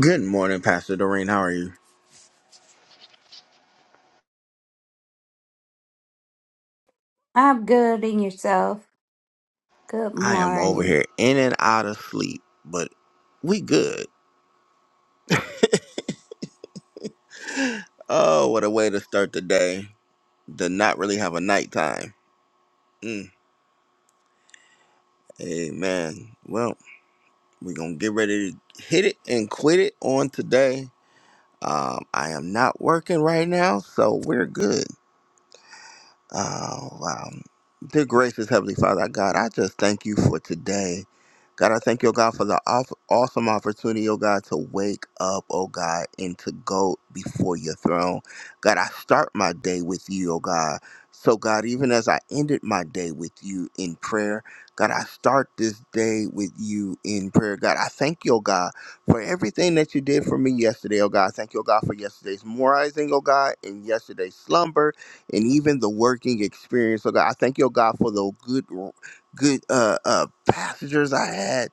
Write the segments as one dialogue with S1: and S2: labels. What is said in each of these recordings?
S1: Good morning, Pastor Doreen. How are you?
S2: I'm good in yourself. Good
S1: I am over
S2: morning.
S1: here in and out of sleep, but we good. Oh, what a way to start the day. To not really have a nighttime. Mm. Amen. Well, we're going to get ready to hit it and quit it on today. Um, I am not working right now, so we're good. Oh, wow. Dear gracious Heavenly Father, God, I just thank you for today. God, I thank you, oh God, for the aw- awesome opportunity, oh God, to wake up, oh God, and to go before your throne. God, I start my day with you, oh God. So, God, even as I ended my day with you in prayer, God, I start this day with you in prayer. God, I thank you, oh God, for everything that you did for me yesterday, oh God. Thank you, oh God, for yesterday's morizing, oh God, and yesterday's slumber and even the working experience. So God, I thank your God for the good, good uh, uh, passengers I had.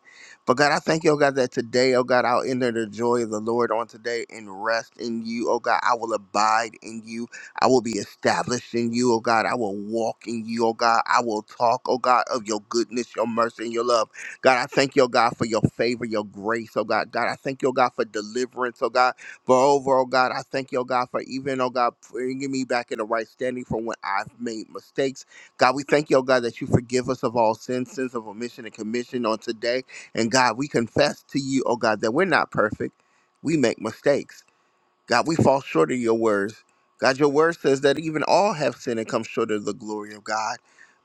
S1: But God, I thank you, oh God, that today, oh God, I'll enter the joy of the Lord on today and rest in you. Oh God, I will abide in you. I will be established in you, oh God. I will walk in you, oh God. I will talk, oh God, of your goodness, your mercy, and your love. God, I thank you, oh God, for your favor, your grace, oh God. God, I thank you, oh God, for deliverance, oh God. Moreover, oh God, I thank you, oh God, for even, oh God, bringing me back in the right standing from when I've made mistakes. God, we thank you, oh God, that you forgive us of all sins, sins of omission and commission on today. And God, we confess to you, oh God, that we're not perfect. We make mistakes. God, we fall short of your words. God, your word says that even all have sinned and come short of the glory of God.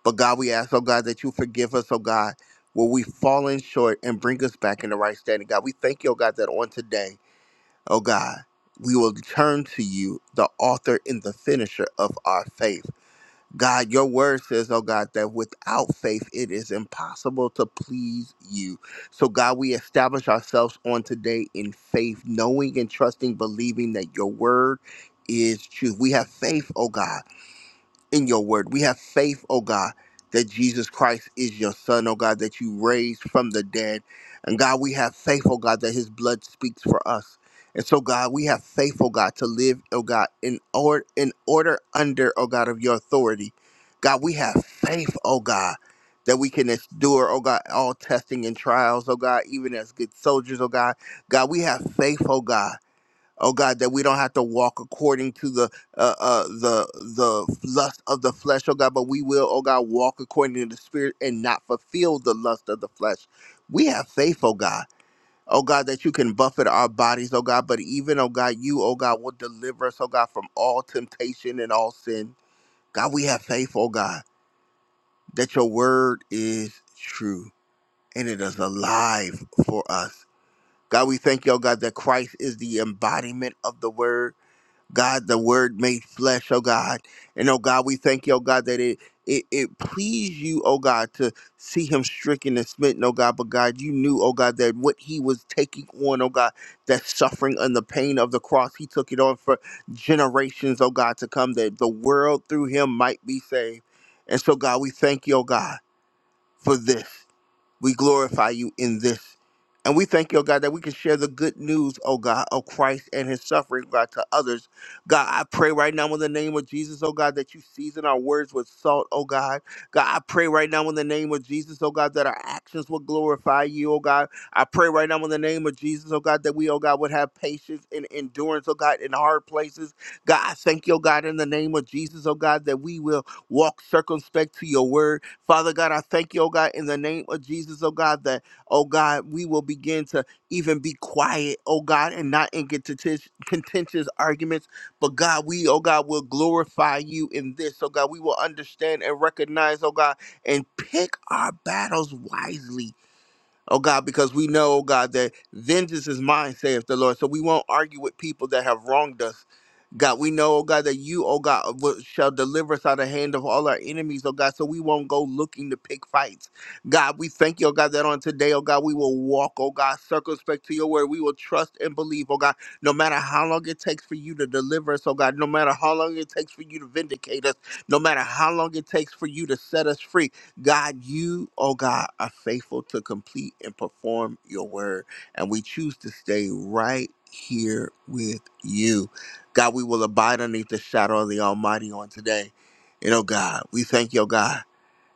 S1: But God, we ask, oh God, that you forgive us, oh God, where we've fallen short and bring us back in the right standing. God, we thank you, oh God, that on today. O God, we will turn to you, the author and the finisher of our faith. God, your word says, oh God, that without faith it is impossible to please you. So, God, we establish ourselves on today in faith, knowing and trusting, believing that your word is true. We have faith, oh God in your word. We have faith, oh God, that Jesus Christ is your son, oh God, that you raised from the dead. And God, we have faith, oh God, that his blood speaks for us. And so, God, we have faith, oh God, to live, oh God, in order, in order under, oh God, of your authority. God, we have faith, oh God, that we can endure, oh God, all testing and trials, oh God, even as good soldiers, oh God. God, we have faith, oh God oh God, that we don't have to walk according to the uh, uh, the the lust of the flesh, oh God, but we will, oh God, walk according to the Spirit and not fulfill the lust of the flesh. We have faith, oh God. Oh God, that you can buffet our bodies, oh God, but even, oh God, you, oh God, will deliver us, oh God, from all temptation and all sin. God, we have faith, oh God, that your word is true and it is alive for us. God, we thank you, oh God, that Christ is the embodiment of the word. God, the word made flesh, oh God. And oh God, we thank you, oh God, that it it, it pleased you, oh God, to see him stricken and smitten, oh God. But God, you knew, oh God, that what he was taking on, oh God, that suffering and the pain of the cross, he took it on for generations, oh God, to come, that the world through him might be saved. And so, God, we thank you, oh God, for this. We glorify you in this. And we thank you, oh God, that we can share the good news, oh God, of Christ and his suffering, God, to others. God, I pray right now in the name of Jesus, oh God, that you season our words with salt, oh God. God, I pray right now in the name of Jesus, oh God, that our actions will glorify you, oh God. I pray right now in the name of Jesus, oh God, that we, oh God, would have patience and endurance, oh God, in hard places. God, I thank you, oh God, in the name of Jesus, oh God, that we will walk circumspect to your word. Father God, I thank you, oh God, in the name of Jesus, oh God, that, oh God, we will begin to even be quiet, oh God, and not in contentious contentious arguments. But God, we, oh God, will glorify you in this, oh God. We will understand and recognize, oh God, and pick our battles wisely. Oh God, because we know, oh God, that vengeance is mine, saith the Lord. So we won't argue with people that have wronged us. God, we know, oh God, that you, oh God, will- shall deliver us out of the hand of all our enemies, oh God, so we won't go looking to pick fights. God, we thank you, oh God, that on today, oh God, we will walk, oh God, circumspect to your word. We will trust and believe, oh God, no matter how long it takes for you to deliver us, oh God, no matter how long it takes for you to vindicate us, no matter how long it takes for you to set us free. God, you, oh God, are faithful to complete and perform your word. And we choose to stay right here with you. God, we will abide underneath the shadow of the Almighty on today. And oh God, we thank you, oh God,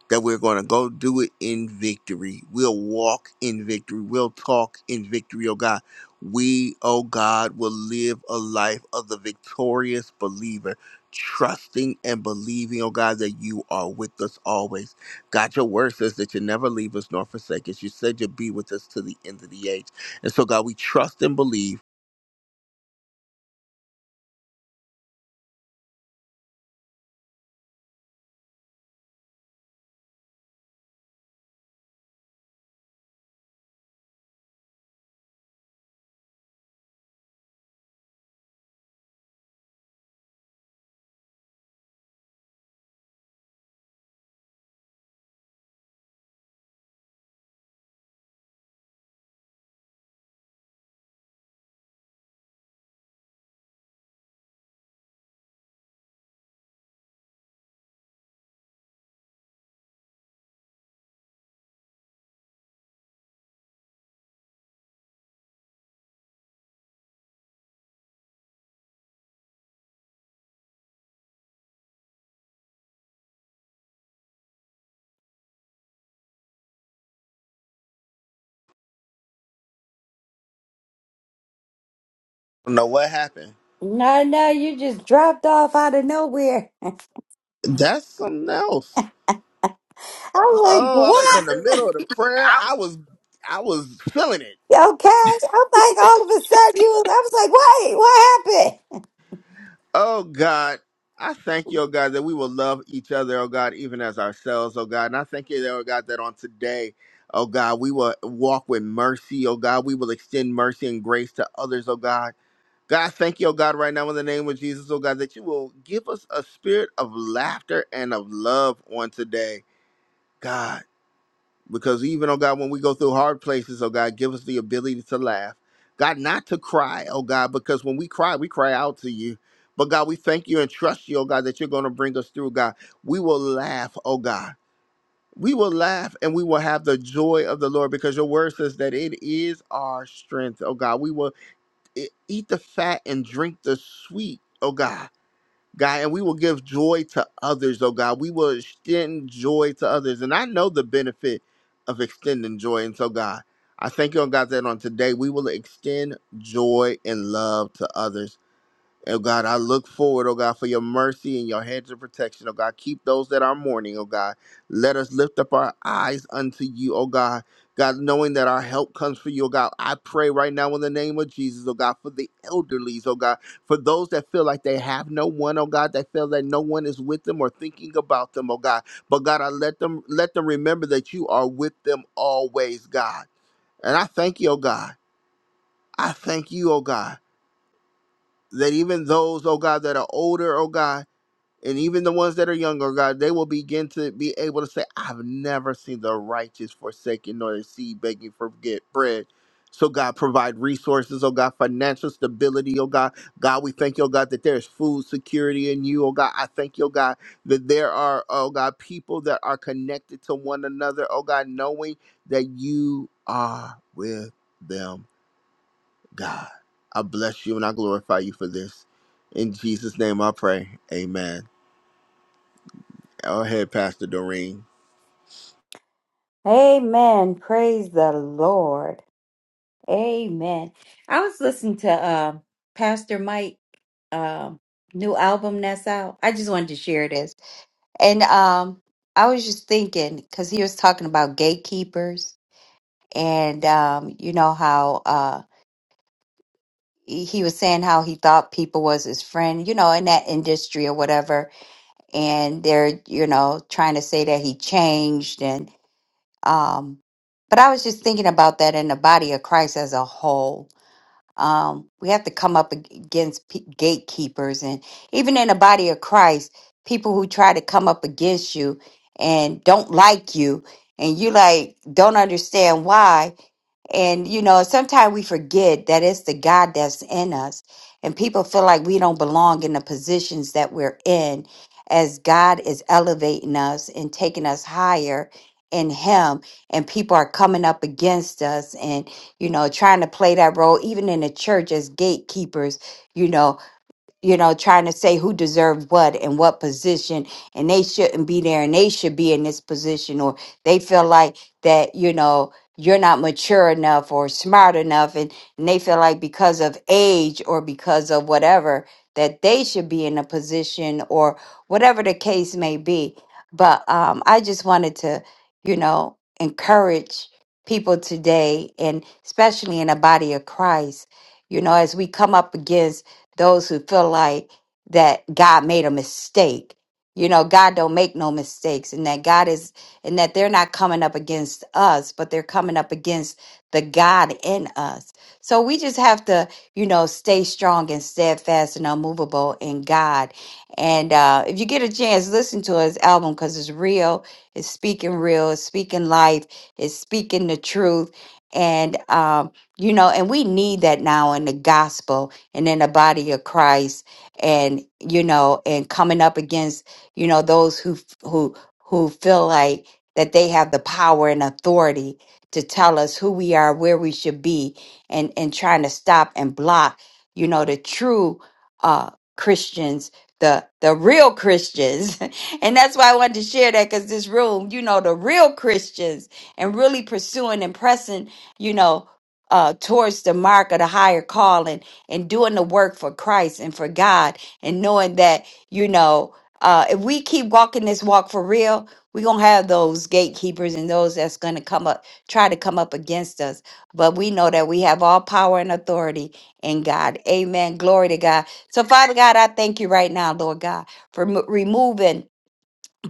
S1: that we're going to go do it in victory. We'll walk in victory. We'll talk in victory, oh God. We, oh God, will live a life of the victorious believer, trusting and believing, oh God, that you are with us always. God, your word says that you never leave us nor forsake us. You said you'll be with us to the end of the age. And so, God, we trust and believe. I don't know what happened
S2: No, no, you just dropped off out of nowhere.
S1: That's something else.
S2: I'm like,
S1: Oh, I was in
S2: what?
S1: the middle of the prayer. I was I was feeling it.
S2: Okay. I'm like, all of a sudden, you was, I was like, wait, what happened?
S1: Oh God. I thank you, oh God, that we will love each other, oh God, even as ourselves, oh God. And I thank you, oh God, that on today, oh God, we will walk with mercy, oh God. We will extend mercy and grace to others, oh God. God, I thank you, oh God, right now in the name of Jesus, oh God, that you will give us a spirit of laughter and of love on today. God. Because even, oh God, when we go through hard places, oh God, give us the ability to laugh. God, not to cry, oh God, because when we cry, we cry out to you. But God, we thank you and trust you, oh God, that you're going to bring us through, God. We will laugh, oh God. We will laugh and we will have the joy of the Lord because your word says that it is our strength, oh God. We will e- eat the fat and drink the sweet, oh God God, and we will give joy to others, oh God. We will extend joy to others. And I know the benefit of extending joy. And so, God, I thank you, oh God, that on today we will extend joy and love to others. Oh God, I look forward, oh God, for your mercy and your hedge of protection, oh God. Keep those that are mourning, oh God. Let us lift up our eyes unto you, oh God. God, knowing that our help comes from you, oh God, I pray right now in the name of Jesus, oh God, for the elderlies, oh God, for those that feel like they have no one, oh God, that feel that no one is with them or thinking about them, oh God. But God, I let them let them remember that you are with them always, God. And I thank you, oh God. I thank you, oh God, that even those, oh God, that are older, oh God and even the ones that are younger, God, they will begin to be able to say, I've never seen the righteous forsaken nor the seed begging for get bread. So, God, provide resources, oh God, financial stability, oh God. God, we thank you, oh God, that there's food security in you, oh God. I thank you, oh God, that there are, oh God, people that are connected to one another, oh God, knowing that you are with them, God. I bless you and I glorify you for this. In Jesus' name I pray. Amen. Go ahead, Pastor Doreen.
S2: Amen. Praise the Lord. Amen. I was listening to um Pastor Mike um, new album that's out. I just wanted to share this. And um, I was just thinking, because he was talking about gatekeepers and um, you know how. uh, he was saying how he thought people was his friend, you know, in that industry or whatever. And they're, you know, trying to say that he changed and um but I was just thinking about that in the body of Christ as a whole. Um we have to come up ag- against p- gatekeepers and even in the body of Christ, people who try to come up against you and don't like you and you like don't understand why and you know, sometimes we forget that it's the God that's in us. And people feel like we don't belong in the positions that we're in as God is elevating us and taking us higher in him and people are coming up against us and you know trying to play that role even in the church as gatekeepers you know you know, trying to say who deserved what and what position, and they shouldn't be there and they should be in this position, or they feel like that, you know, you're not mature enough or smart enough, and, and they feel like because of age or because of whatever that they should be in a position or whatever the case may be. But um, I just wanted to, you know, encourage people today, and especially in the body of Christ, you know, as we come up against those who feel like that God made a mistake. You know, God don't make no mistakes and that God is and that they're not coming up against us, but they're coming up against the God in us. So we just have to, you know, stay strong and steadfast and unmovable in God. And uh, if you get a chance, listen to his album because it's real. It's speaking real. It's speaking life. It's speaking the truth. And um, you know, and we need that now in the gospel and in the body of Christ and you know and coming up against you know those who who who feel like that they have the power and authority to tell us who we are where we should be and and trying to stop and block you know the true uh Christians the the real Christians and that's why I wanted to share that cuz this room you know the real Christians and really pursuing and pressing you know uh towards the mark of the higher calling and doing the work for Christ and for God and knowing that, you know, uh, if we keep walking this walk for real, we're going to have those gatekeepers and those that's going to come up, try to come up against us. But we know that we have all power and authority in God. Amen. Glory to God. So, Father God, I thank you right now, Lord God, for mo- removing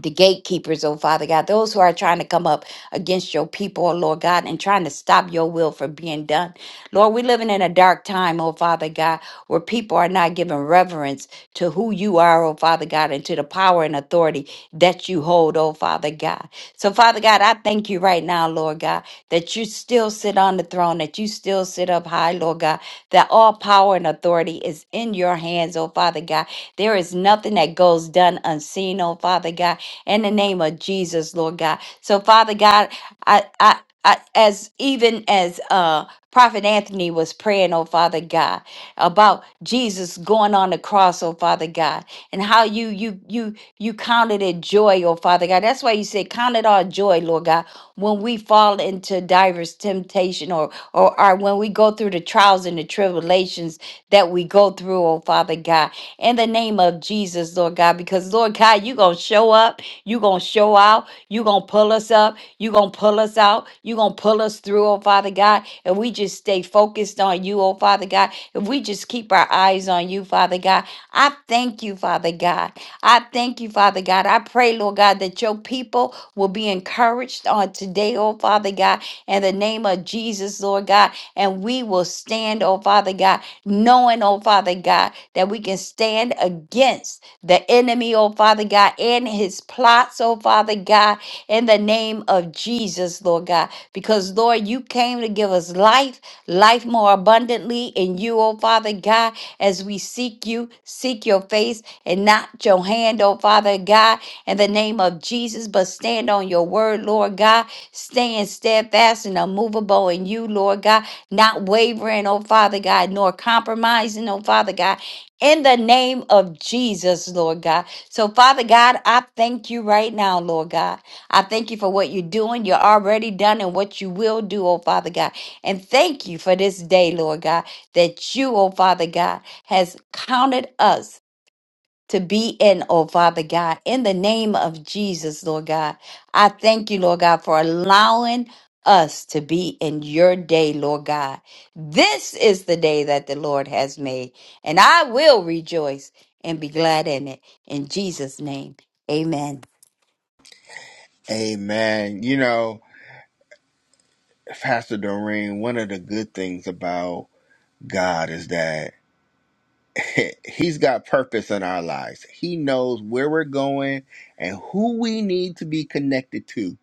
S2: the gatekeepers, oh Father God, those who are trying to come up against your people, oh Lord God, and trying to stop your will from being done. Lord, we're living in a dark time, oh Father God, where people are not giving reverence to who you are, oh Father God, and to the power and authority that you hold, oh Father God. So, Father God, I thank you right now, Lord God, that you still sit on the throne, that you still sit up high, Lord God, that all power and authority is in your hands, oh Father God. There is nothing that goes done unseen, oh Father God in the name of Jesus, Lord God. So, Father God, I, I, I as even as uh Prophet Anthony was praying, oh Father God, about Jesus going on the cross, oh Father God, and how you you you you counted it joy, oh Father God. That's why you say count it all joy, Lord God, when we fall into diverse temptation or or, or when we go through the trials and the tribulations that we go through, oh Father God. In the name of Jesus, Lord God, because Lord God, you're gonna show up you're going to show out. You're going to pull us up. You're going to pull us out. You're going to pull us through, oh Father God. And we just stay focused on you, oh Father God. If we just keep our eyes on you, Father God, I thank you, Father God. I thank you, Father God. I pray, Lord God, that your people will be encouraged on today, oh Father God, in the name of Jesus, Lord God. And we will stand, oh Father God, knowing, oh Father God, that we can stand against the enemy, oh Father God, and his plots, oh Father God, in the name of Jesus, Lord God. Because, Lord, you came to give us life, life more abundantly in you, oh Father God, as we seek you, seek your face, and not your hand, oh Father God, in the name of Jesus, but stand on your word, Lord God, staying steadfast and unmovable in you, Lord God, not wavering, oh Father God, nor compromising, oh Father God, in the name of Jesus, Lord God. So, Father God, I thank you right now, Lord God. I thank you for what you're doing, you're already done, and what you will do, oh Father God. And thank you for this day, Lord God, that you, oh Father God, has counted us to be in, oh Father God, in the name of Jesus, Lord God. I thank you, Lord God, for allowing us to be in your day, Lord God. This is the day that the Lord has made, and I will rejoice and be glad in it. In Jesus' name, amen.
S1: Amen. You know, Pastor Doreen, one of the good things about God is that He's got purpose in our lives. He knows where we're going and who we need to be connected to.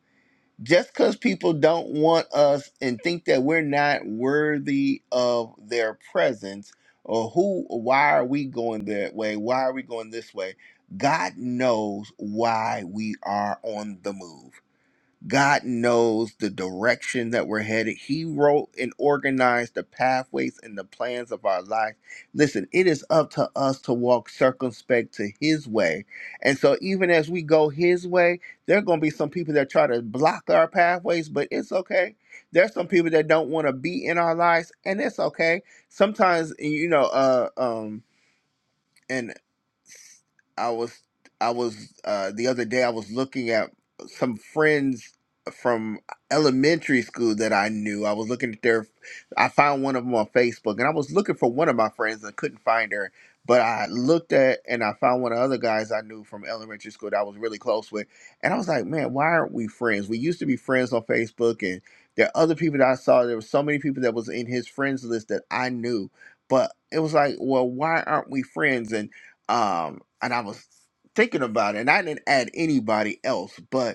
S1: Just because people don't want us and think that we're not worthy of their presence, or who, why are we going that way? Why are we going this way? God knows why we are on the move. God knows the direction that we're headed. He wrote and organized the pathways and the plans of our life. Listen, it is up to us to walk circumspect to His way. And so, even as we go His way, there are going to be some people that try to block our pathways, but it's okay. There's some people that don't want to be in our lives, and it's okay. Sometimes, you know, uh, um, I was I was uh, the other day I was looking at some friends from elementary school that I knew. I was looking at their I found one of them on Facebook and I was looking for one of my friends and couldn't find her. But I looked at and I found one of the other guys I knew from elementary school that I was really close with. And I was like, man, why aren't we friends? We used to be friends on Facebook and there are other people that I saw. There were so many people that was in his friends list that I knew. But it was like, well, why aren't we friends? And um, and I was thinking about it, and I didn't add anybody else, but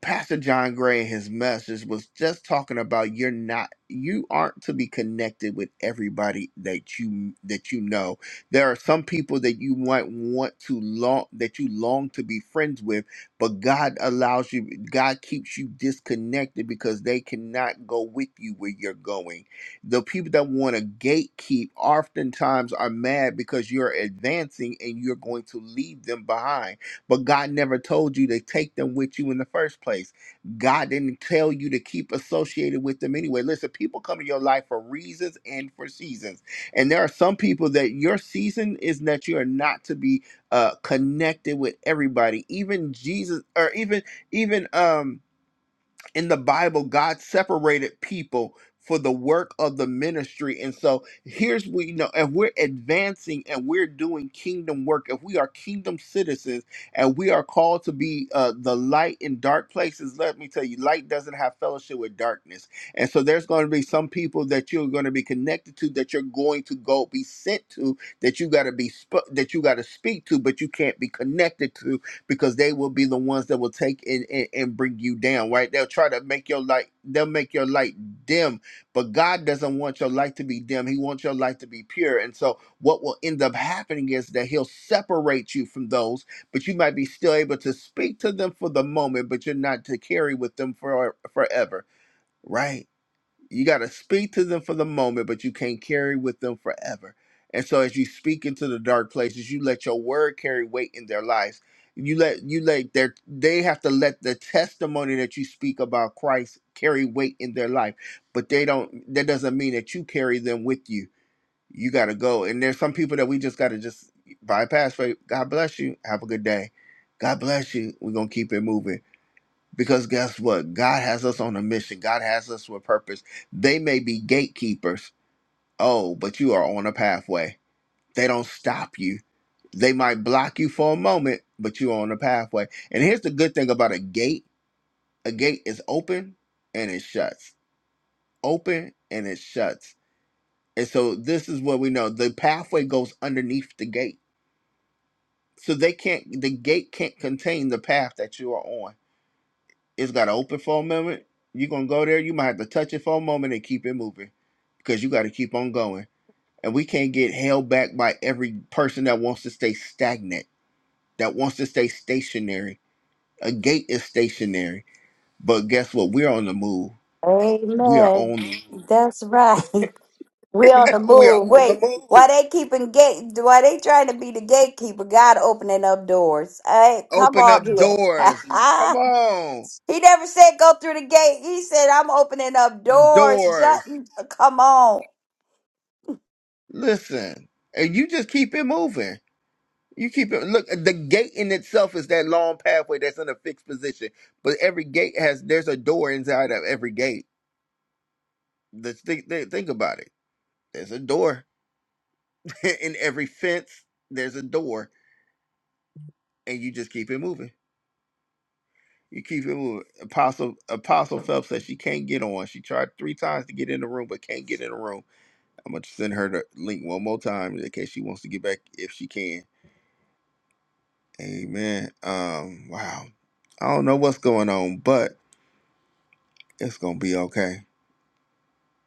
S1: Pastor John Gray in his message was just talking about you're not you aren't to be connected with everybody that you that you know. There are some people that you might want to long that you long to be friends with, but God allows you God keeps you disconnected because they cannot go with you where you're going. The people that want to gatekeep oftentimes are mad because you're advancing and you're going to leave them behind but God never told you to take them with you in the first place. God didn't tell you to keep associated with them anyway. Listen, people come in your life for reasons and for seasons. And there are some people that your season is that you are not to be uh connected with everybody. Even Jesus or even even um in the Bible, God separated people for the work of the ministry. And so here's we you know if we're advancing and we're doing kingdom work, if we are kingdom citizens and we are called to be uh, the light in dark places, let me tell you, light doesn't have fellowship with darkness. And so there's going to be some people that you're going to be connected to that you're going to go be sent to that you got to be sp- that you got to speak to but you can't be connected to because they will be the ones that will take and, and, and bring you down, right? They'll try to make your light, they'll make your light dim, but God doesn't want your light to be dim. He wants your light to be pure. And so what will end up happening is that he'll separate you from those, but you might be still able to speak to them for the moment, but you're not to carry with them for forever, right? You got to speak to them for the moment, but you can't carry with them forever. And so as you speak into the dark places, you let your word carry weight in their lives. You let you let their they have to let the testimony that you speak about Christ carry weight in their life. But they don't that doesn't mean that you carry them with you. You got to go. And there's some people that we just got to just bypass. Right? God bless you. Have a good day. God bless you. We're going to keep it moving because guess what? God has us on a mission. God has us with purpose. They may be gatekeepers. Oh, but you are on a pathway. They don't stop you. They might block you for a moment, but you're on a pathway. And here's the good thing about a gate a gate is open and it shuts, open and it shuts. And so this is what we know the pathway goes underneath the gate. So they can't, the gate can't contain the path that you are on it's got to open for a moment. You're gonna go there. You might have to touch it for a moment and keep it moving because you got to keep on going. And we can't get held back by every person that wants to stay stagnant, that wants to stay stationary. A gate is stationary, but guess what? We're on the move. We are
S2: Amen.
S1: on. the
S2: That's right. We on the
S1: We are
S2: move.
S1: on the
S2: Wait,
S1: move.
S2: why they keeping gate? Why they trying to be the gatekeeper? God opening up doors. Hey, come
S1: Open up
S2: on here.
S1: doors. Come on,
S2: He never said go through the gate. He said I'm opening up doors,
S1: doors.
S2: shutting. Come on.
S1: Listen, and you just keep it moving. You keep it. Look, the gate in itself is that long pathway that's in a fixed position, but every gate has there's a door inside of every gate. Let's think, think think about it. There's a door in every fence. There's a door, and you just keep it moving. You keep it moving. Apostle Apostle Phelps says she can't get on. She tried three times to get in the room, but can't get in the room. I'm gonna send her the link one more time in case she wants to get back if she can. Amen. Um. Wow. I don't know what's going on, but it's gonna be okay.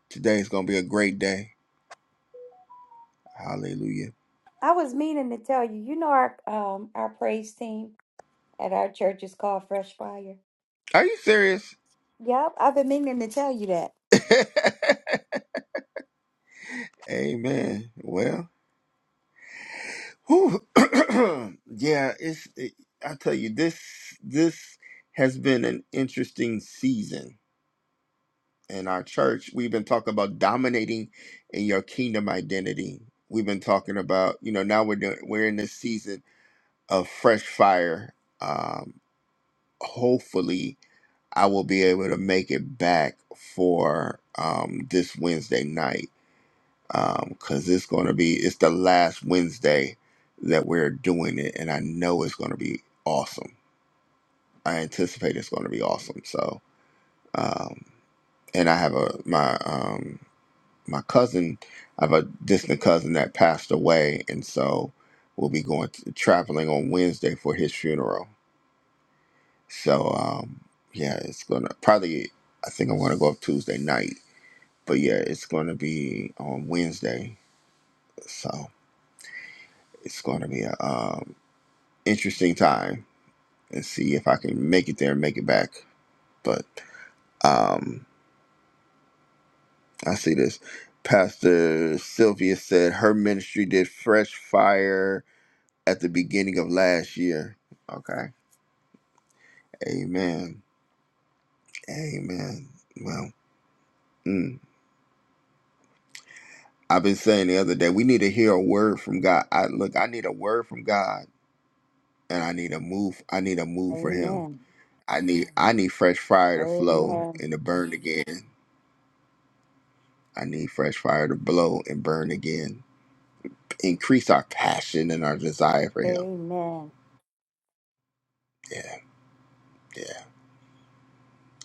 S1: Today's gonna be a great day. Hallelujah.
S2: I was meaning to tell you. You know our um our praise team at our church is called Fresh Fire.
S1: Are you serious?
S2: Yep, I've been meaning to tell you that.
S1: Amen. Well, whew. yeah, it's. It, I tell you, this this has been an interesting season in our church. We've been talking about dominating in your kingdom identity. We've been talking about, you know, now we're doing, we're in this season of fresh fire. Um, hopefully. I will be able to make it back for um, this Wednesday night because um, it's going to be it's the last Wednesday that we're doing it, and I know it's going to be awesome. I anticipate it's going to be awesome. So, um, and I have a my um, my cousin, I have a distant cousin that passed away, and so we'll be going to, traveling on Wednesday for his funeral. So, um, yeah, it's gonna probably. I think I'm gonna go up Tuesday night but yeah, it's going to be on Wednesday, so it's going to be a um, interesting time and see if I can make it there and make it back. But um, I see this. Pastor Sylvia said her ministry did fresh fire at the beginning of last year. Okay, Amen, Amen. Well, mm, I've been saying the other day we need to hear a word from God. I look, I need a word from God, and I need a move. I need a move for Him
S2: Amen.
S1: I need I need fresh fire to flow
S2: Amen.
S1: and to burn again. I need fresh fire to blow and burn again. Increase our passion and our desire for him.
S2: Amen.
S1: Yeah, yeah.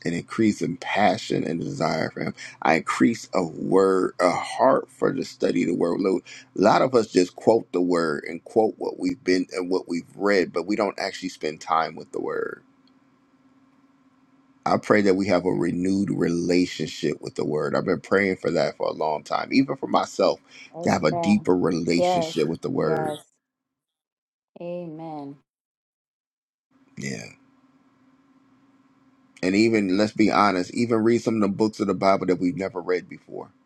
S1: An increase in passion and desire for him. I increase a word, a heart for the study of the word. Look, A lot of us just quote the word and quote what we've been and what we've read, but we don't actually spend time with the word. I pray that we have a renewed relationship with the word. I've been praying for that for a long time, even for myself, to have a
S2: Amen.
S1: deeper
S2: Yes.
S1: relationship with the word.
S2: Yes. Amen.
S1: Yeah. And even, let's be honest, even read some of the books of the Bible that we've never read before.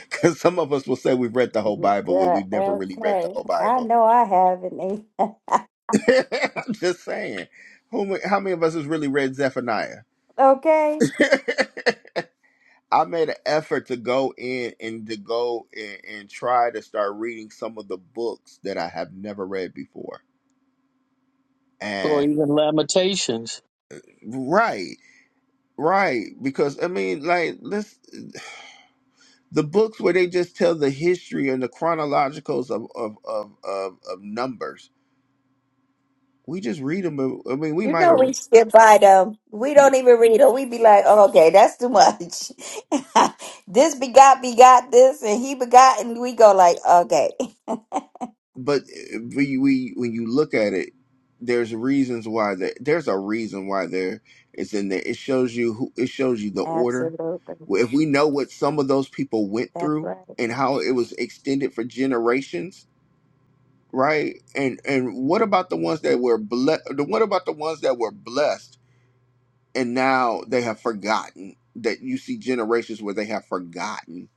S1: Because some of us will say we've read the whole Bible when
S2: Uh,
S1: we've never really read the
S2: okay.
S1: whole
S2: I
S1: Bible.
S2: know I have an amen.
S1: I'm just saying. Who, how many of us has really read Zephaniah?
S2: Okay.
S1: I made an effort to go in and to go and, and try to start reading some of the books that I have never read before.
S3: or
S1: And
S3: even Lamentations.
S1: right, right, because I mean, like, let's the books where they just tell the history and the chronologicals of of of of, of numbers. We just read them. I mean, we
S2: You
S1: might
S2: know
S1: have.
S2: we skip by them. We don't even read them. We be like, oh, okay, that's too much. this begot begot this, and he begot, and we go like, okay.
S1: but we, we when you look at it, there's reasons why there, there's a reason why there it's in there. It shows you who it shows you the order.
S2: Absolutely.
S1: Well, If we know what some of those people went
S2: That's
S1: through
S2: right.
S1: and how it was extended for generations, right? And and what about the ones that were blessed? What about the ones that were blessed and now they have forgotten? That you see generations where they have forgotten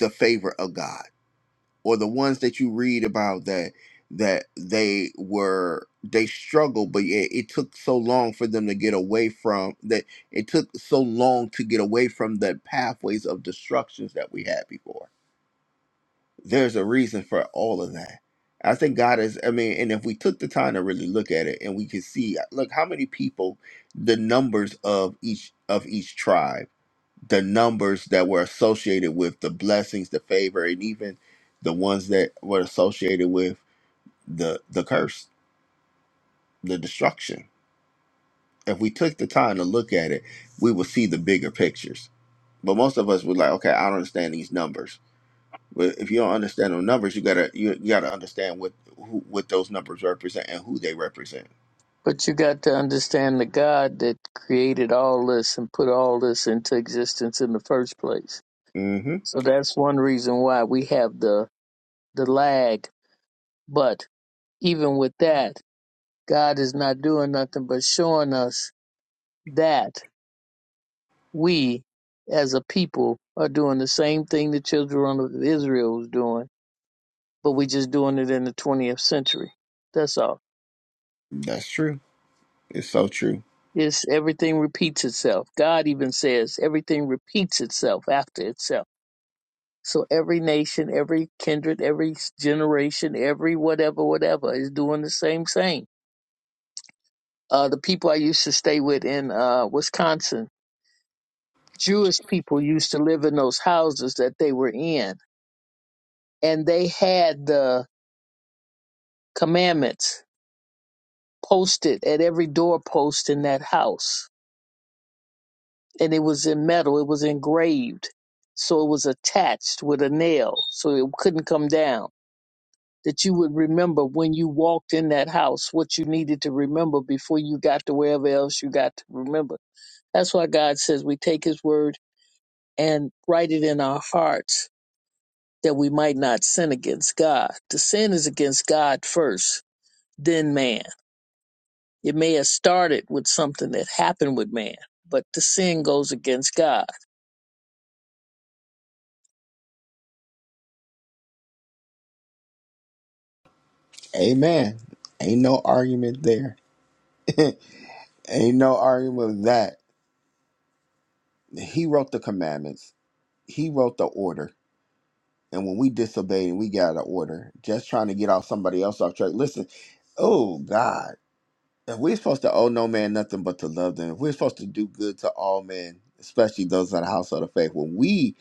S1: the favor of God or the ones that you read about that that they were they struggled but it, it took so long for them to get away from that it took so long to get away from the pathways of destructions that we had before there's a reason for all of that i think god is i mean and if we took the time to really look at it and we could see look how many people the numbers of each of each tribe the numbers that were associated with the blessings, the favor, and even the ones that were associated with the the curse, the destruction. If we took the time to look at it, we would see the bigger pictures. But most of us were like, okay, I don't understand these numbers. But if you don't understand the numbers, you gotta you, you gotta understand what who, what those numbers represent and who they represent.
S3: But you got to understand the God that created all this and put all this into existence in the first place.
S1: hmm
S3: So that's one reason why we have the the lag. But even with that, God is not doing nothing but showing us that we as a people are doing the same thing the children of Israel was doing, but we just doing it in the 20th century. That's all.
S1: That's true. It's so true.
S3: It's everything repeats itself. God even says everything repeats itself after itself. So every nation, every kindred, every generation, every whatever, whatever is doing the same thing. Uh, the people I used to stay with in uh, Wisconsin, Jewish people used to live in those houses that they were in, and they had the commandments posted at every doorpost in that house and it was in metal, it was engraved. So it was attached with a nail, so it couldn't come down. That you would remember when you walked in that house what you needed to remember before you got to wherever else you got to remember. That's why God says we take His word and write it in our hearts that we might not sin against God. The sin is against God first, then man. It may have started with something that happened with man, but the sin goes against God.
S1: Amen. Ain't no argument there. Ain't no argument with that. He wrote the commandments. He wrote the order. And when we disobey and we get out of order, just trying to get off somebody else off track. Listen, oh God, if we're supposed to owe no man nothing but to love them, if we're supposed to do good to all men, especially those of the household of faith, when we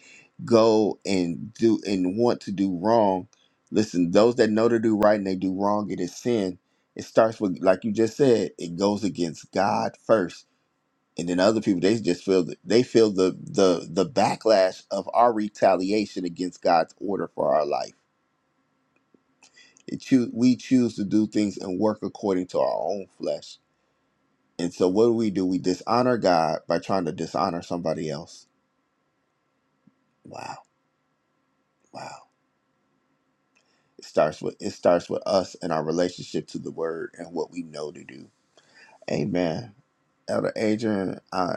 S1: go and do and want to do wrong, listen, those that know to do right and they do wrong, it is sin. It starts with, like you just said, it goes against God first and then other people they just feel the, they feel the the the backlash of our retaliation against God's order for our life. It choo- we choose to do things and work according to our own flesh. And so what do we do? We dishonor God by trying to dishonor somebody else. Wow. Wow. It starts with it starts with us and our relationship to the word and what we know to do. Amen. Elder Adrian, uh,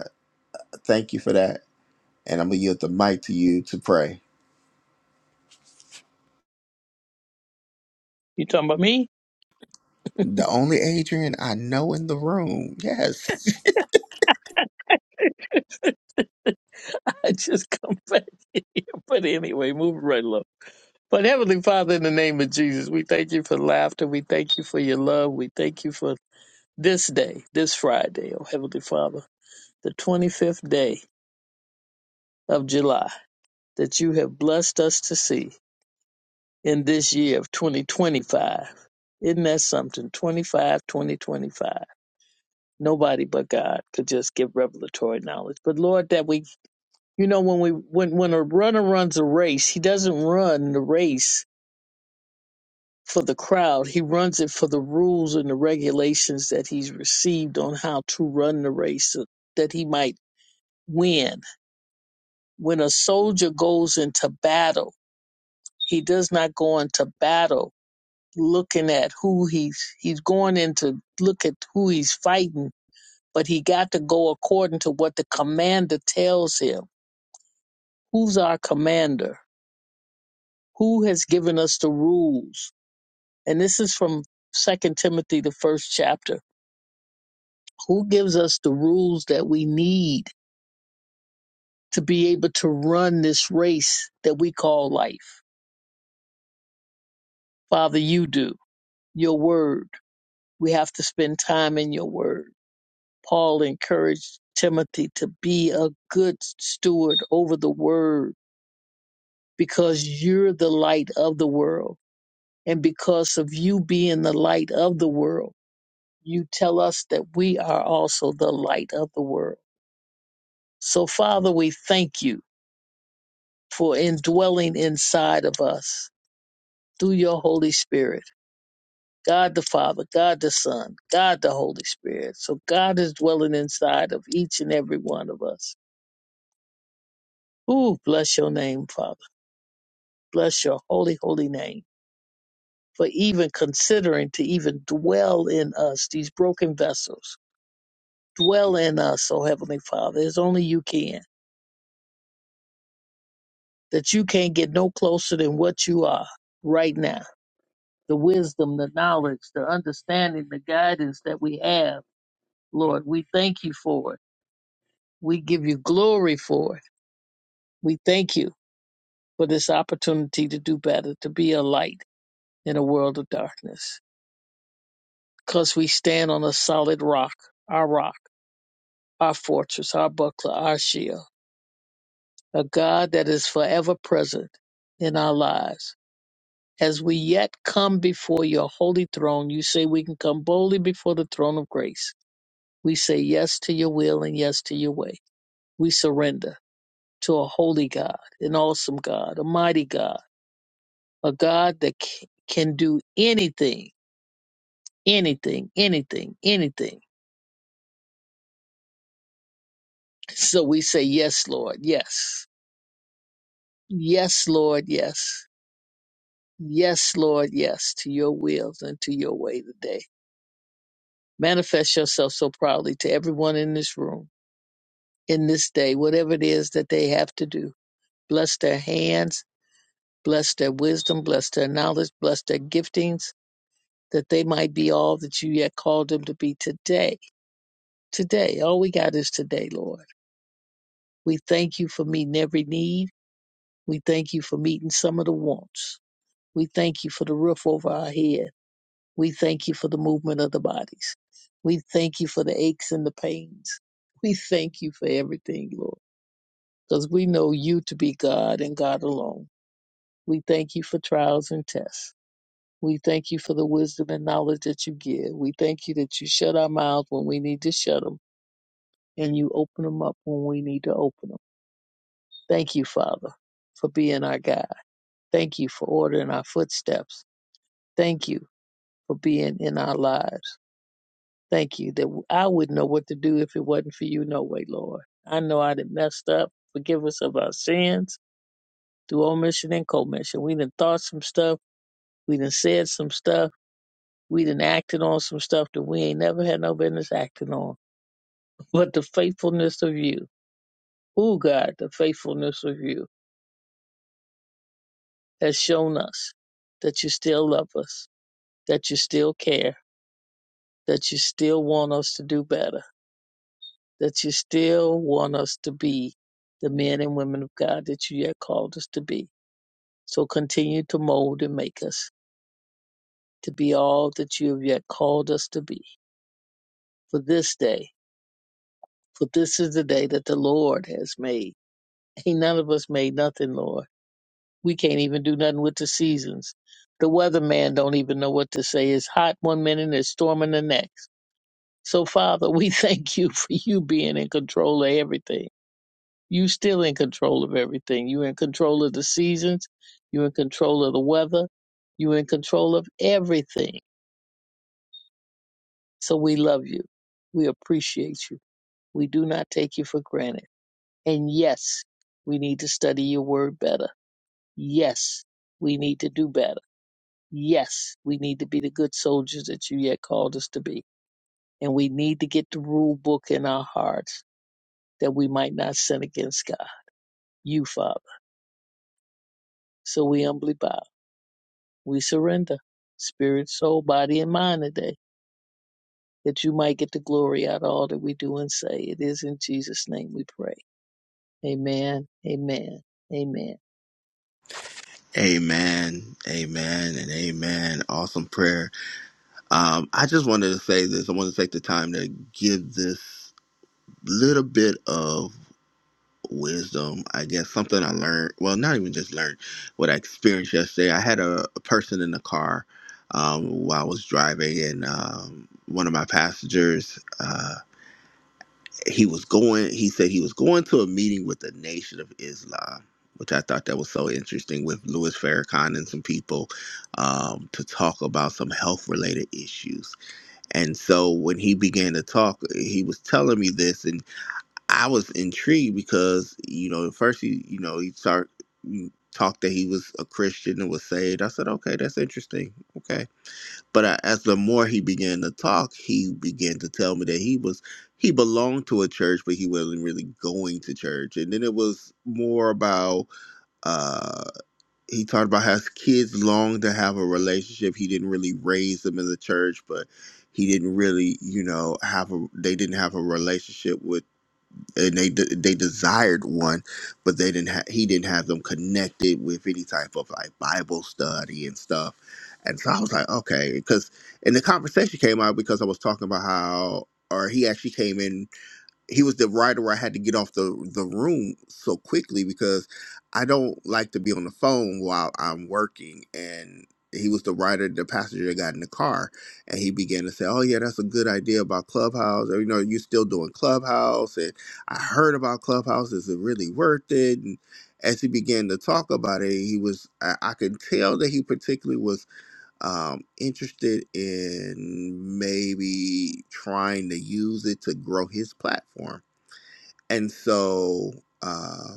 S1: thank you for that. And I'm gonna yield the mic to you to pray.
S3: You talking about me?
S1: The only Adrian I know in the room. Yes.
S3: I just come back in here. But anyway, move right along. But Heavenly Father, in the name of Jesus, we thank you for laughter. We thank you for your love. We thank you for this day, this Friday, oh Heavenly Father, the 25th day of July that you have blessed us to see in this year of 2025. Isn't that something? 25, 2025. Nobody but God could just give revelatory knowledge. But Lord, that we, you know, when we, when, when a runner runs a race, he doesn't run the race for the crowd. He runs it for the rules and the regulations that he's received on how to run the race so that he might win. When a soldier goes into battle, he does not go into battle looking at who he's he's going in to look at who he's fighting, but he got to go according to what the commander tells him. Who's our commander? Who has given us the rules? And this is from Second Timothy the first chapter Who gives us the rules that we need to be able to run this race that we call life? Father, you do. Your word. We have to spend time in your word. Paul encouraged Timothy to be a good steward over the word because you're the light of the world. And because of you being the light of the world, you tell us that we are also the light of the world. So, Father, we thank you for indwelling inside of us through your Holy Spirit. God the Father, God the Son, God the Holy Spirit. So God is dwelling inside of each and every one of us. Ooh, bless your name, Father. Bless your holy, holy name for even considering to even dwell in us, these broken vessels. Dwell in us, oh Heavenly Father, as only you can. That you can't get no closer than what you are right now. The wisdom, the knowledge, the understanding, the guidance that we have Lord. We thank you for it. We give you glory for it. We thank you for this opportunity to do better, to be a light in a world of darkness. Because we stand on a solid rock, our rock, our fortress, our buckler, our shield, a God that is forever present in our lives. As we yet come before your holy throne, you say we can come boldly before the throne of grace. We say yes to your will and yes to your way. We surrender. to a holy God, an awesome God, a mighty God, a God that c- can do anything, anything, anything, anything. So we say, Yes, Lord, yes. Yes, Lord, yes. Yes, Lord, yes, to your wills and to your way today. Manifest yourself so proudly to everyone in this room, in this day, whatever it is that they have to do. Bless their hands, bless their wisdom, bless their knowledge, bless their giftings that they might be all that you yet called them to be today. Today, all we got is today, Lord. We thank you for meeting every need. We thank you for meeting some of the wants. We thank you for the roof over our head. We thank you for the movement of the bodies. We thank you for the aches and the pains. We thank you for everything, Lord, because we know you to be God and God alone. We thank you for trials and tests. We thank you for the wisdom and knowledge that you give. We thank you that you shut our mouths when we need to shut them. and you open them up when we need to open them. Thank you, Father, for being our God. Thank you for ordering our footsteps. Thank you for being in our lives. Thank you that I wouldn't know what to do if it wasn't for you, no way, Lord. I know I done messed up. Forgive us of our sins through omission and commission. We done thought some stuff. We done said some stuff. We done acted on some stuff that we ain't never had no business acting on. But the faithfulness of you. Oh, God, the faithfulness of you has shown us that you still love us, that you still care, that you still want us to do better, that you still want us to be the men and women of God that you yet called us to be. So continue to mold and make us to be all that you have yet called us to be for this day. For this is the day that the Lord has made. Ain't none of us made nothing, Lord. We can't even do nothing with the seasons. The weatherman don't even know what to say. It's hot one minute, it's storming the next So, Father, we thank you for you being in control of everything. You still in control of everything. You're in control of the seasons. You're in control of the weather. You're in control of everything. So we love you. We appreciate you. We do not take you for granted. And yes, we need to study your word better. Yes, we need to do better. Yes, we need to be the good soldiers that you yet called us to be. And we need to get the rule book in our hearts that we might not sin against God. you, Father. So we humbly bow. We surrender spirit, soul, body, and mind today that you might get the glory out of all that we do and say. It is in Jesus' name we pray. Amen. Amen. Amen.
S1: Amen. Amen and amen. Awesome prayer. Um, I just wanted to say this. I want to take the time to give this little bit of wisdom. I guess something I learned. Well, not even just learned what I experienced yesterday. I had a, a person in the car um, while I was driving, and um, one of my passengers. uh, he was going he said he was going to a meeting with the nation of islam which i thought that was so interesting with louis farrakhan and some people um, to talk about some health related issues and so when he began to talk he was telling me this and i was intrigued because you know at first he you know he started talked that he was a christian and was saved i said okay that's interesting okay but I, as the more he began to talk, he began to tell me that he was he belonged to a church, but he wasn't really going to church. And then it was more about uh, he talked about how his kids long to have a relationship. He didn't really raise them in the church, but he didn't really, you know, have a they didn't have a relationship with and they de- they desired one, but they didn't. Ha- he didn't have them connected with any type of like Bible study and stuff. And so I was like, okay, because and the conversation came out because I was talking about how, or he actually came in he was the writer where I had to get off the the room so quickly because I don't like to be on the phone while I'm working and he was the writer, the passenger that got in the car, and he began to say, "Oh yeah, that's a good idea about Clubhouse. Or, you know, you are still doing Clubhouse, and I heard about Clubhouse. Is it really worth it?" And as he began to talk about it, he was I, I could tell that he particularly was um, interested in maybe trying to use it to grow his platform and so, uh,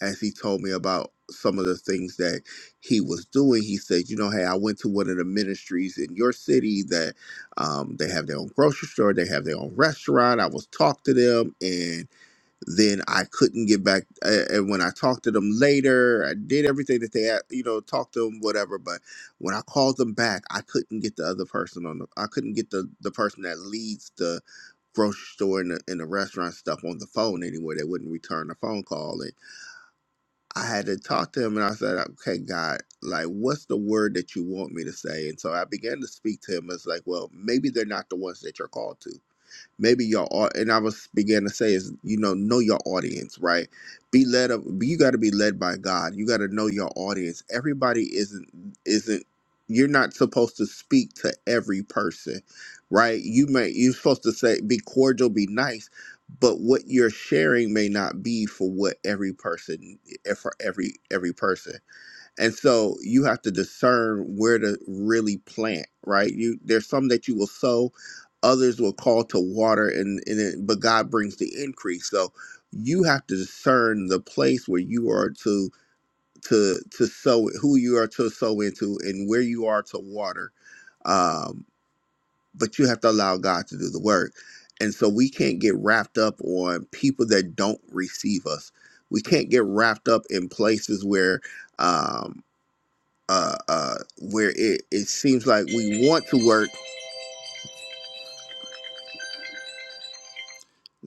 S1: as he told me about some of the things that he was doing, he said, "You know, hey, I went to one of the ministries in your city that um, they have their own grocery store, they have their own restaurant. I was talked to them, then I couldn't get back. a- And when I talked to them later, I did everything that they, a- you know, talked to them, whatever. But when I called them back, I couldn't get the other person on the, I couldn't get the, the person that leads the grocery store and the, and the restaurant stuff on the phone anywhere. They wouldn't return the phone call. And I had to talk to him and I said, okay, God, like, what's the word that you want me to say? And so I began to speak to him. It's like, well, maybe they're not the ones that you're called to maybe your art and i was began to say is you know know your audience right be led up you got to be led by god you got to know your audience everybody isn't isn't you're not supposed to speak to every person right you may you're supposed to say be cordial be nice but what you're sharing may not be for what every person eh, for every every person and so you have to discern where to really plant right you there's some that you will sow others will call to water and, and it, but god brings the increase so you have to discern the place where you are to to to sow who you are to sow into and where you are to water um but you have to allow god to do the work and so we can't get wrapped up on people that don't receive us we can't get wrapped up in places where um, uh, uh, where it, it seems like we want to work.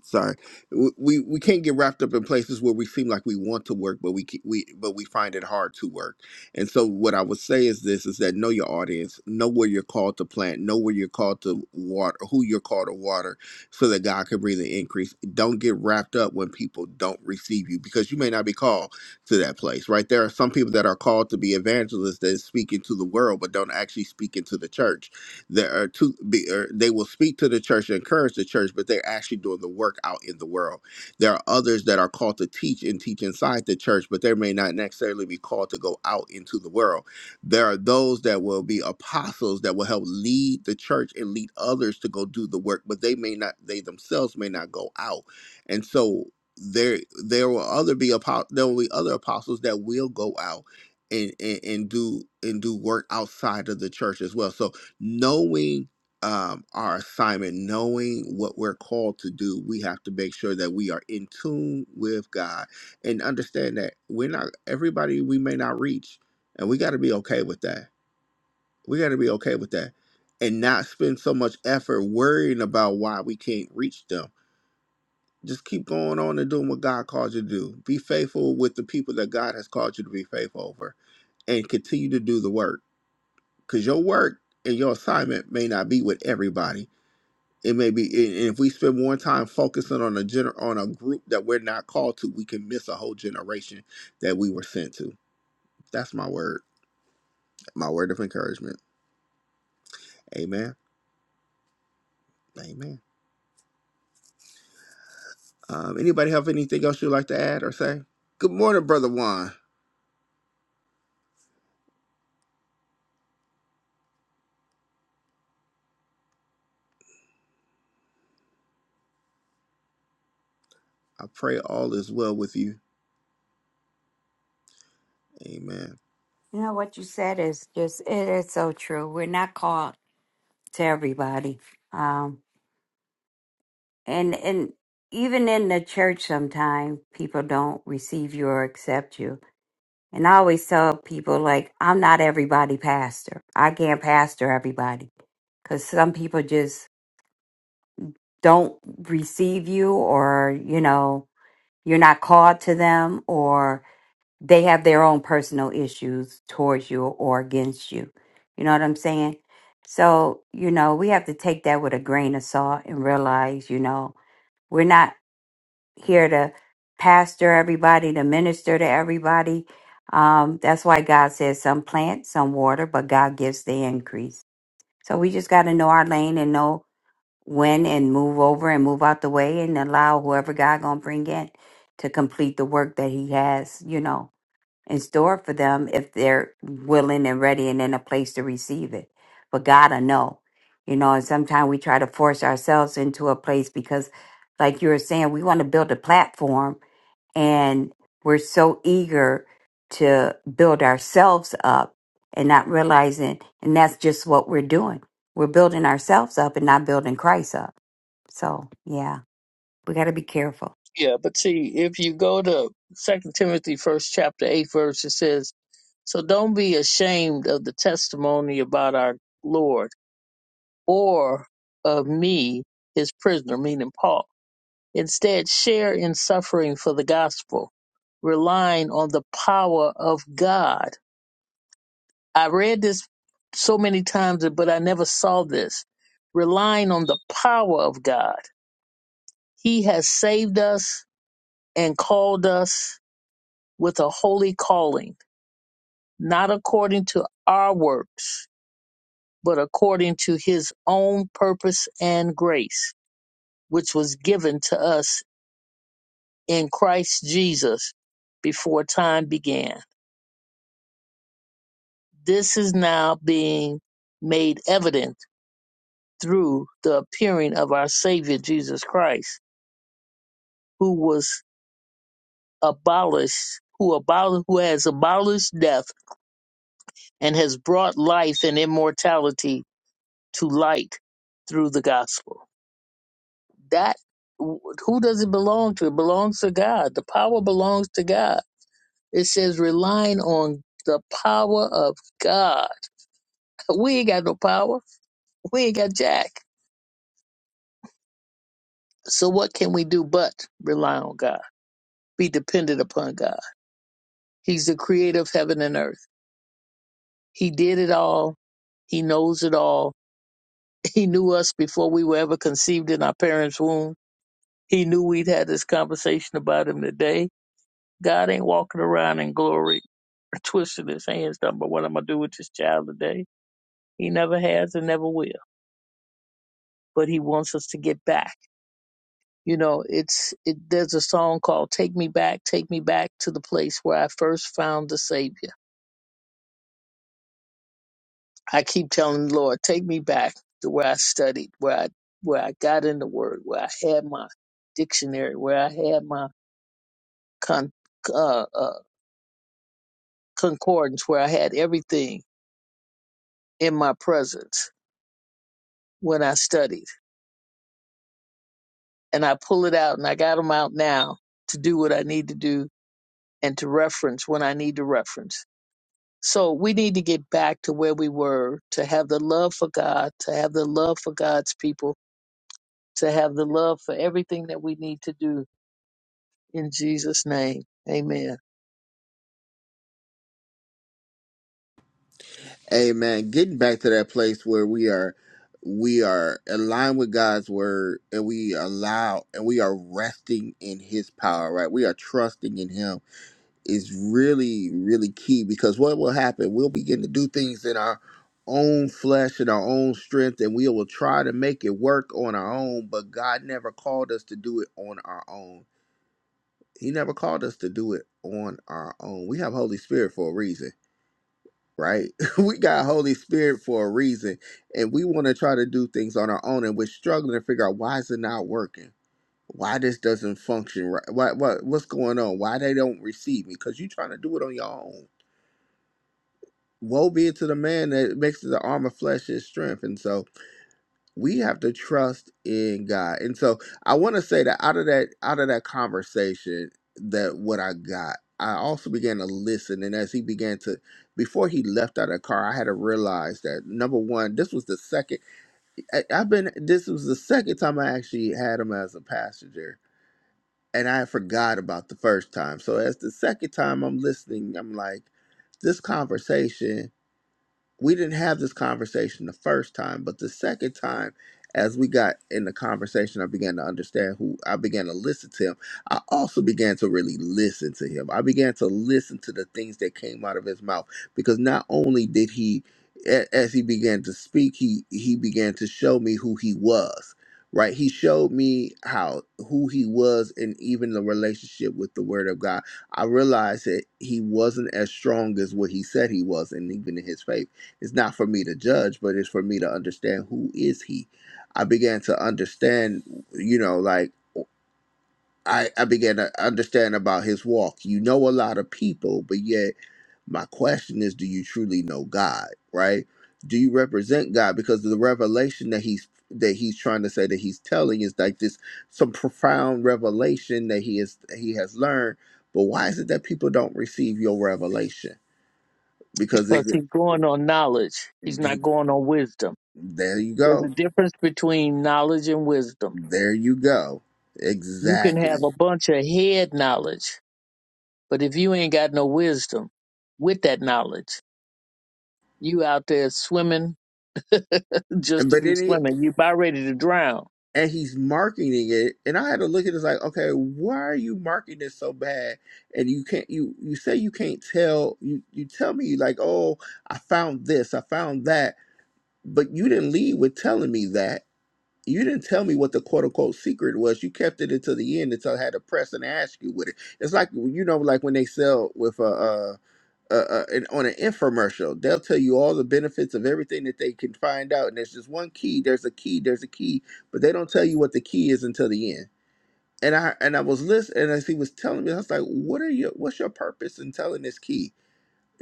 S1: Sorry, W- we we can't get wrapped up in places where we seem like we want to work, but we ke- we but we find it hard to work. And so, what I would say is this: is that know your audience, know where you're called to plant, know where you're called to water, who you're called to water, so that God can bring the increase. Don't get wrapped up when people don't receive you, because you may not be called to that place. Right? There are some people that are called to be evangelists that speak into the world, but don't actually speak into the church There are two. Be, or they will speak to the church and encourage the church, but they're actually doing the work out in the world. There are others that are called to teach and teach inside the church, but they may not necessarily be called to go out into the world. There are those that will be apostles that will help lead the church and lead others to go do the work, but they may not. They themselves may not go out, and so. There, there will other be apo- there will be other apostles that will go out and, and and do and do work outside of the church as well. So knowing um, our assignment, knowing what we're called to do, we have to make sure that we are in tune with God and understand that we're not everybody we may not reach, and we got to be okay with that. We got to be okay with that, and not spend so much effort worrying about why we can't reach them. Just keep going on and doing what God called you to do. Be faithful with the people that God has called you to be faithful over, and continue to do the work because your work and your assignment may not be with everybody It may be, and and if we spend more time focusing on a gener- on a group that we're not called to, we can miss a whole generation that we were sent to. That's my word, my word of encouragement. Amen. Amen. Um, anybody have anything else you'd like to add or say? Good morning, brother Juan. I pray all is well with you. Amen.
S2: You know what you said is just it is so true. We're not called to everybody. Um and and even in the church sometimes people don't receive you or accept you. And I always tell people like I'm not everybody pastor. I can't pastor everybody. because some people just don't receive you or you know you're not called to them or they have their own personal issues towards you or against you you know what i'm saying so you know we have to take that with a grain of salt and realize you know we're not here to pastor everybody to minister to everybody um, that's why god says some plant some water but god gives the increase so we just got to know our lane and know win and move over and move out the way and allow whoever God gonna bring in to complete the work that He has, you know, in store for them if they're willing and ready and in a place to receive it. But God, I know, you know, and sometimes we try to force ourselves into a place because, like you were saying, we want to build a platform and we're so eager to build ourselves up and not realizing, and that's just what we're doing. We're building ourselves up and not building Christ up so yeah, we got to be careful.
S3: Yeah, but see, if you go to Second Timothy first chapter eight verse, it says, So don't be ashamed of the testimony about our Lord or of me, his prisoner, meaning Paul Instead, share in suffering for the gospel, relying on the power of God. I read this so many times, but I never saw this. Relying on the power of God. He has saved us and called us with a holy calling, not according to our works, but according to his own purpose and grace, which was given to us in Christ Jesus before time began. This is now being made evident through the appearing of our Savior Jesus Christ, who was abolished, who abol- who has abolished death and has brought life and immortality to light through the gospel. That who does it belong to? It belongs to God. The power belongs to God. It says relying on the power of God. We ain't got no power. We ain't got jack. So what can we do but rely on God, be dependent upon God? He's the creator of heaven and earth. He did it all. He knows it all. He knew us before we were ever conceived in our parents' womb. He knew we'd had this conversation about him today. God ain't walking around in glory, twisting his hands, done, but what am I going to do with this child today? He never has and never will. But he wants us to get back. You know, it's it, there's a song called "Take Me Back, Take Me Back to the Place Where I First Found the Savior." I keep telling the Lord, take me back to where I studied, where I where I got in the Word, where I had my dictionary, where I had my con, uh, uh, concordance, where I had everything in my presence when I studied. And I pull it out, and I got them out now to do what I need to do and to reference when I need to reference. So we need to get back to where we were to have the love for God, to have the love for God's people, to have the love for everything that we need to do in Jesus' name. Amen.
S1: Amen. Getting back to that place where we are, we are aligned with God's word, and we allow, and we are resting in His power. Right? We are trusting in Him is really, really key because what will happen? We'll begin to do things in our own flesh and our own strength, and we will try to make it work on our own, but God never called us to do it on our own. He never called us to do it on our own. We have Holy Spirit for a reason, right? we got Holy Spirit for a reason, and we want to try to do things on our own, and we're struggling to figure out why is it not working? Why this doesn't function right? Why, what, what's going on? Why they don't receive me? Because you're trying to do it on your own woe be to the man that makes the arm of flesh his strength and so we have to trust in god and so i want to say that out of that out of that conversation that what i got i also began to listen and as he began to before he left out of the car i had to realize that number one this was the second I, i've been this was the second time i actually had him as a passenger and i had forgot about the first time so as the second time i'm listening i'm like this conversation we didn't have this conversation the first time, but the second time, as we got in the conversation, I began to understand who I began to listen to him. I also began to really listen to him. I began to listen to the things that came out of his mouth because not only did he, a- as he began to speak, he he began to show me who he was. Right, he showed me how who he was, and even the relationship with the Word of God. I realized that he wasn't as strong as what he said he was, and even in his faith it's not for me to judge, but it's for me to understand who is he. I began to understand, you know, like I, I began to understand about his walk. You know a lot of people, but yet my question is, do you truly know God? Right? Do you represent God? Because the revelation that he's that he's trying to say that he's telling is like this some profound revelation that he is he has learned. But why is it that people don't receive your revelation? Because
S3: Because
S1: it,
S3: he's going on knowledge, he's not going on wisdom.
S1: there you
S3: There's a
S1: go
S3: difference between knowledge and wisdom.
S1: There you go.
S3: You can
S1: Exactly.
S3: have a bunch of head knowledge, but if you ain't got no wisdom with that knowledge, you out there swimming just
S1: And
S3: to
S1: but
S3: be
S1: then he
S3: swimming. You about ready to drown.
S1: and he's marketing it, and I had to look at it as like, okay, why are you marketing this so bad? And you can't you you say you can't tell you you tell me like, oh, I found this, I found that, but you didn't lead with telling me that. You didn't tell me what the quote unquote secret was. You kept it until the end until I had to press and ask you with it. It's like you know, like when they sell with a uh, uh, uh, an, on an infomercial. They'll tell you all the benefits of everything that they can find out. And there's just one key. There's a key. There's a key. But they don't tell you what the key is until the end. And I and I was listening. And as he was telling me, I was like, "What are your? What's your purpose in telling this key?"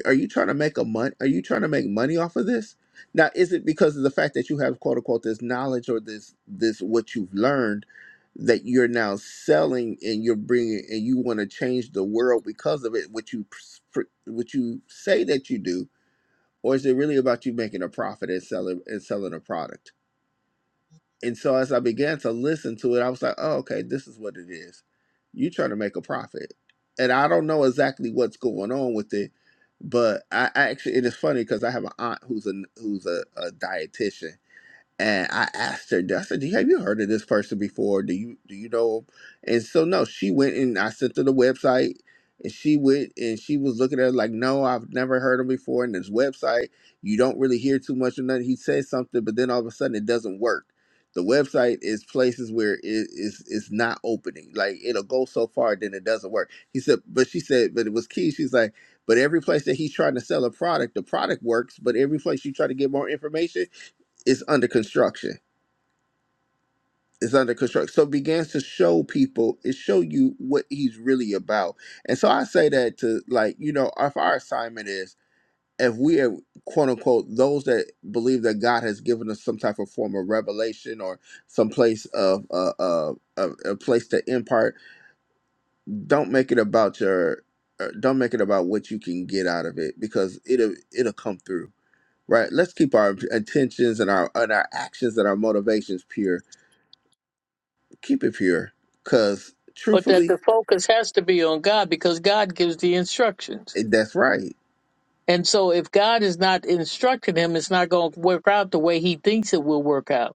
S1: are you trying to make a mon- are you trying to make money off of this now is it because of the fact that you have quote unquote this knowledge or this this what you've learned that you're now selling and you're bringing and you want to change the world because of it what you pr- pr- what you say that you do or is it really about you making a profit and selling and selling a product and so as I began to listen to it, I was like, oh, okay, this is what it is. You trying to make a profit. And I don't know exactly what's going on with it, but I I actually it is funny because I have an aunt who's a who's a, a dietitian and I asked her, I said, "Do you- "Have you heard of this person before? Do you do you know?" 'em?" And so no, she went and I sent her the website, and she went and she was looking at it like, "No, I've never heard him before." And this website, you don't really hear too much of nothing. He says something, but then all of a sudden, it doesn't work. The website is places where it is it's not opening. Like it'll go so far, then it doesn't work. He said, but she said, but it was key. She's like, but every place that he's trying to sell a product, the product works. But every place you try to get more information is under construction. It's under construction. So begins to show people, it show you what he's really about. And so I say that to like, you know, if our assignment is if we are quote unquote those that believe that God has given us some type of form of revelation or some place of uh, uh, a, a place to impart, don't make it about your uh, don't make it about what you can get out of it because it'll it'll come through right let's keep our intentions and our and our actions and our motivations pure keep it pure. Cause
S3: But that
S1: truthfully,
S3: the focus has to be on God because God gives the instructions.
S1: it- that's right.
S3: And so if God is not instructing him, it's not going to work out the way he thinks it will work out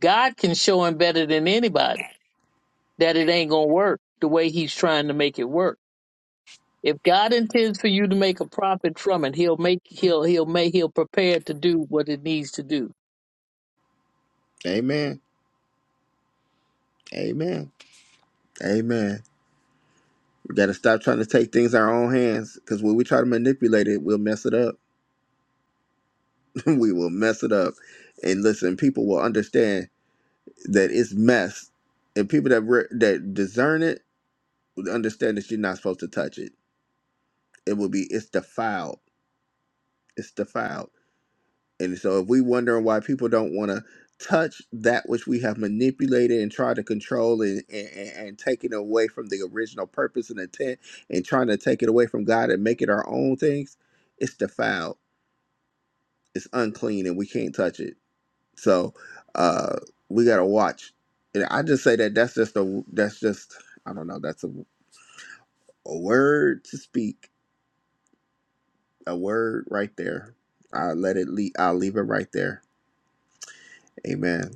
S3: God can show him better than anybody that it ain't going to work the way he's trying to make it work. If God intends for you to make a profit from it, he'll make he'll he'll make he'll prepare to do what it needs to do.
S1: Amen. Amen. Amen. We gotta stop trying to take things in our own hands. Cause when we try to manipulate it, we'll mess it up. we will mess it up. And listen, people will understand that it's mess. And people that re- that discern it will understand that you're not supposed to touch it. It will be it's defiled. It's defiled. And so if we wondering why people don't want to touch that which we have manipulated and try to control and, and, and take it away from the original purpose and intent and trying to take it away from God and make it our own things, it's defiled. It's unclean and we can't touch it. So uh we gotta watch. And I just say that that's just a that's just I don't know, that's a, a word to speak. A word right there. I let it leave I'll leave it right there. Amen.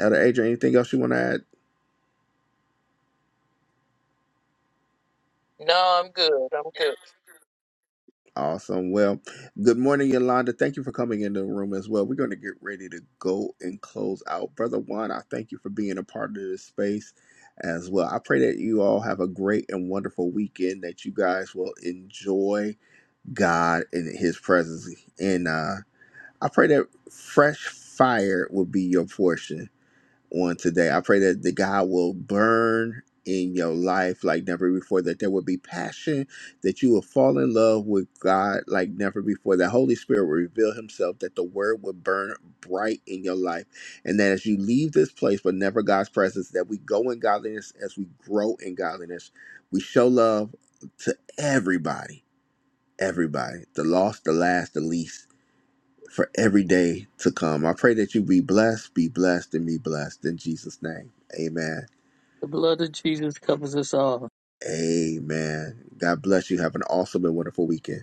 S1: Elder Adrian, anything else you want to add?
S3: No, I'm good. I'm good.
S1: Awesome. Well, good morning, Yolanda. Thank you for coming into the room as well. We're going to get ready to go and close out. Brother Juan, I thank you for being a part of this space as well. I pray that you all have a great and wonderful weekend, that you guys will enjoy God and His presence. And uh, I pray that fresh fire will be your portion on today. I pray that the God will burn in your life like never before, that there will be passion, that you will fall in love with God like never before, that Holy Spirit will reveal Himself, that the Word will burn bright in your life, and that as you leave this place, but never God's presence, that we go in godliness as we grow in godliness. We show love to everybody, everybody, the lost, the last, the least for every day to come. I pray that you be blessed, be blessed, and be blessed in Jesus' name. Amen.
S3: The blood of Jesus covers us all.
S1: Amen. God bless you. Have an awesome and wonderful weekend.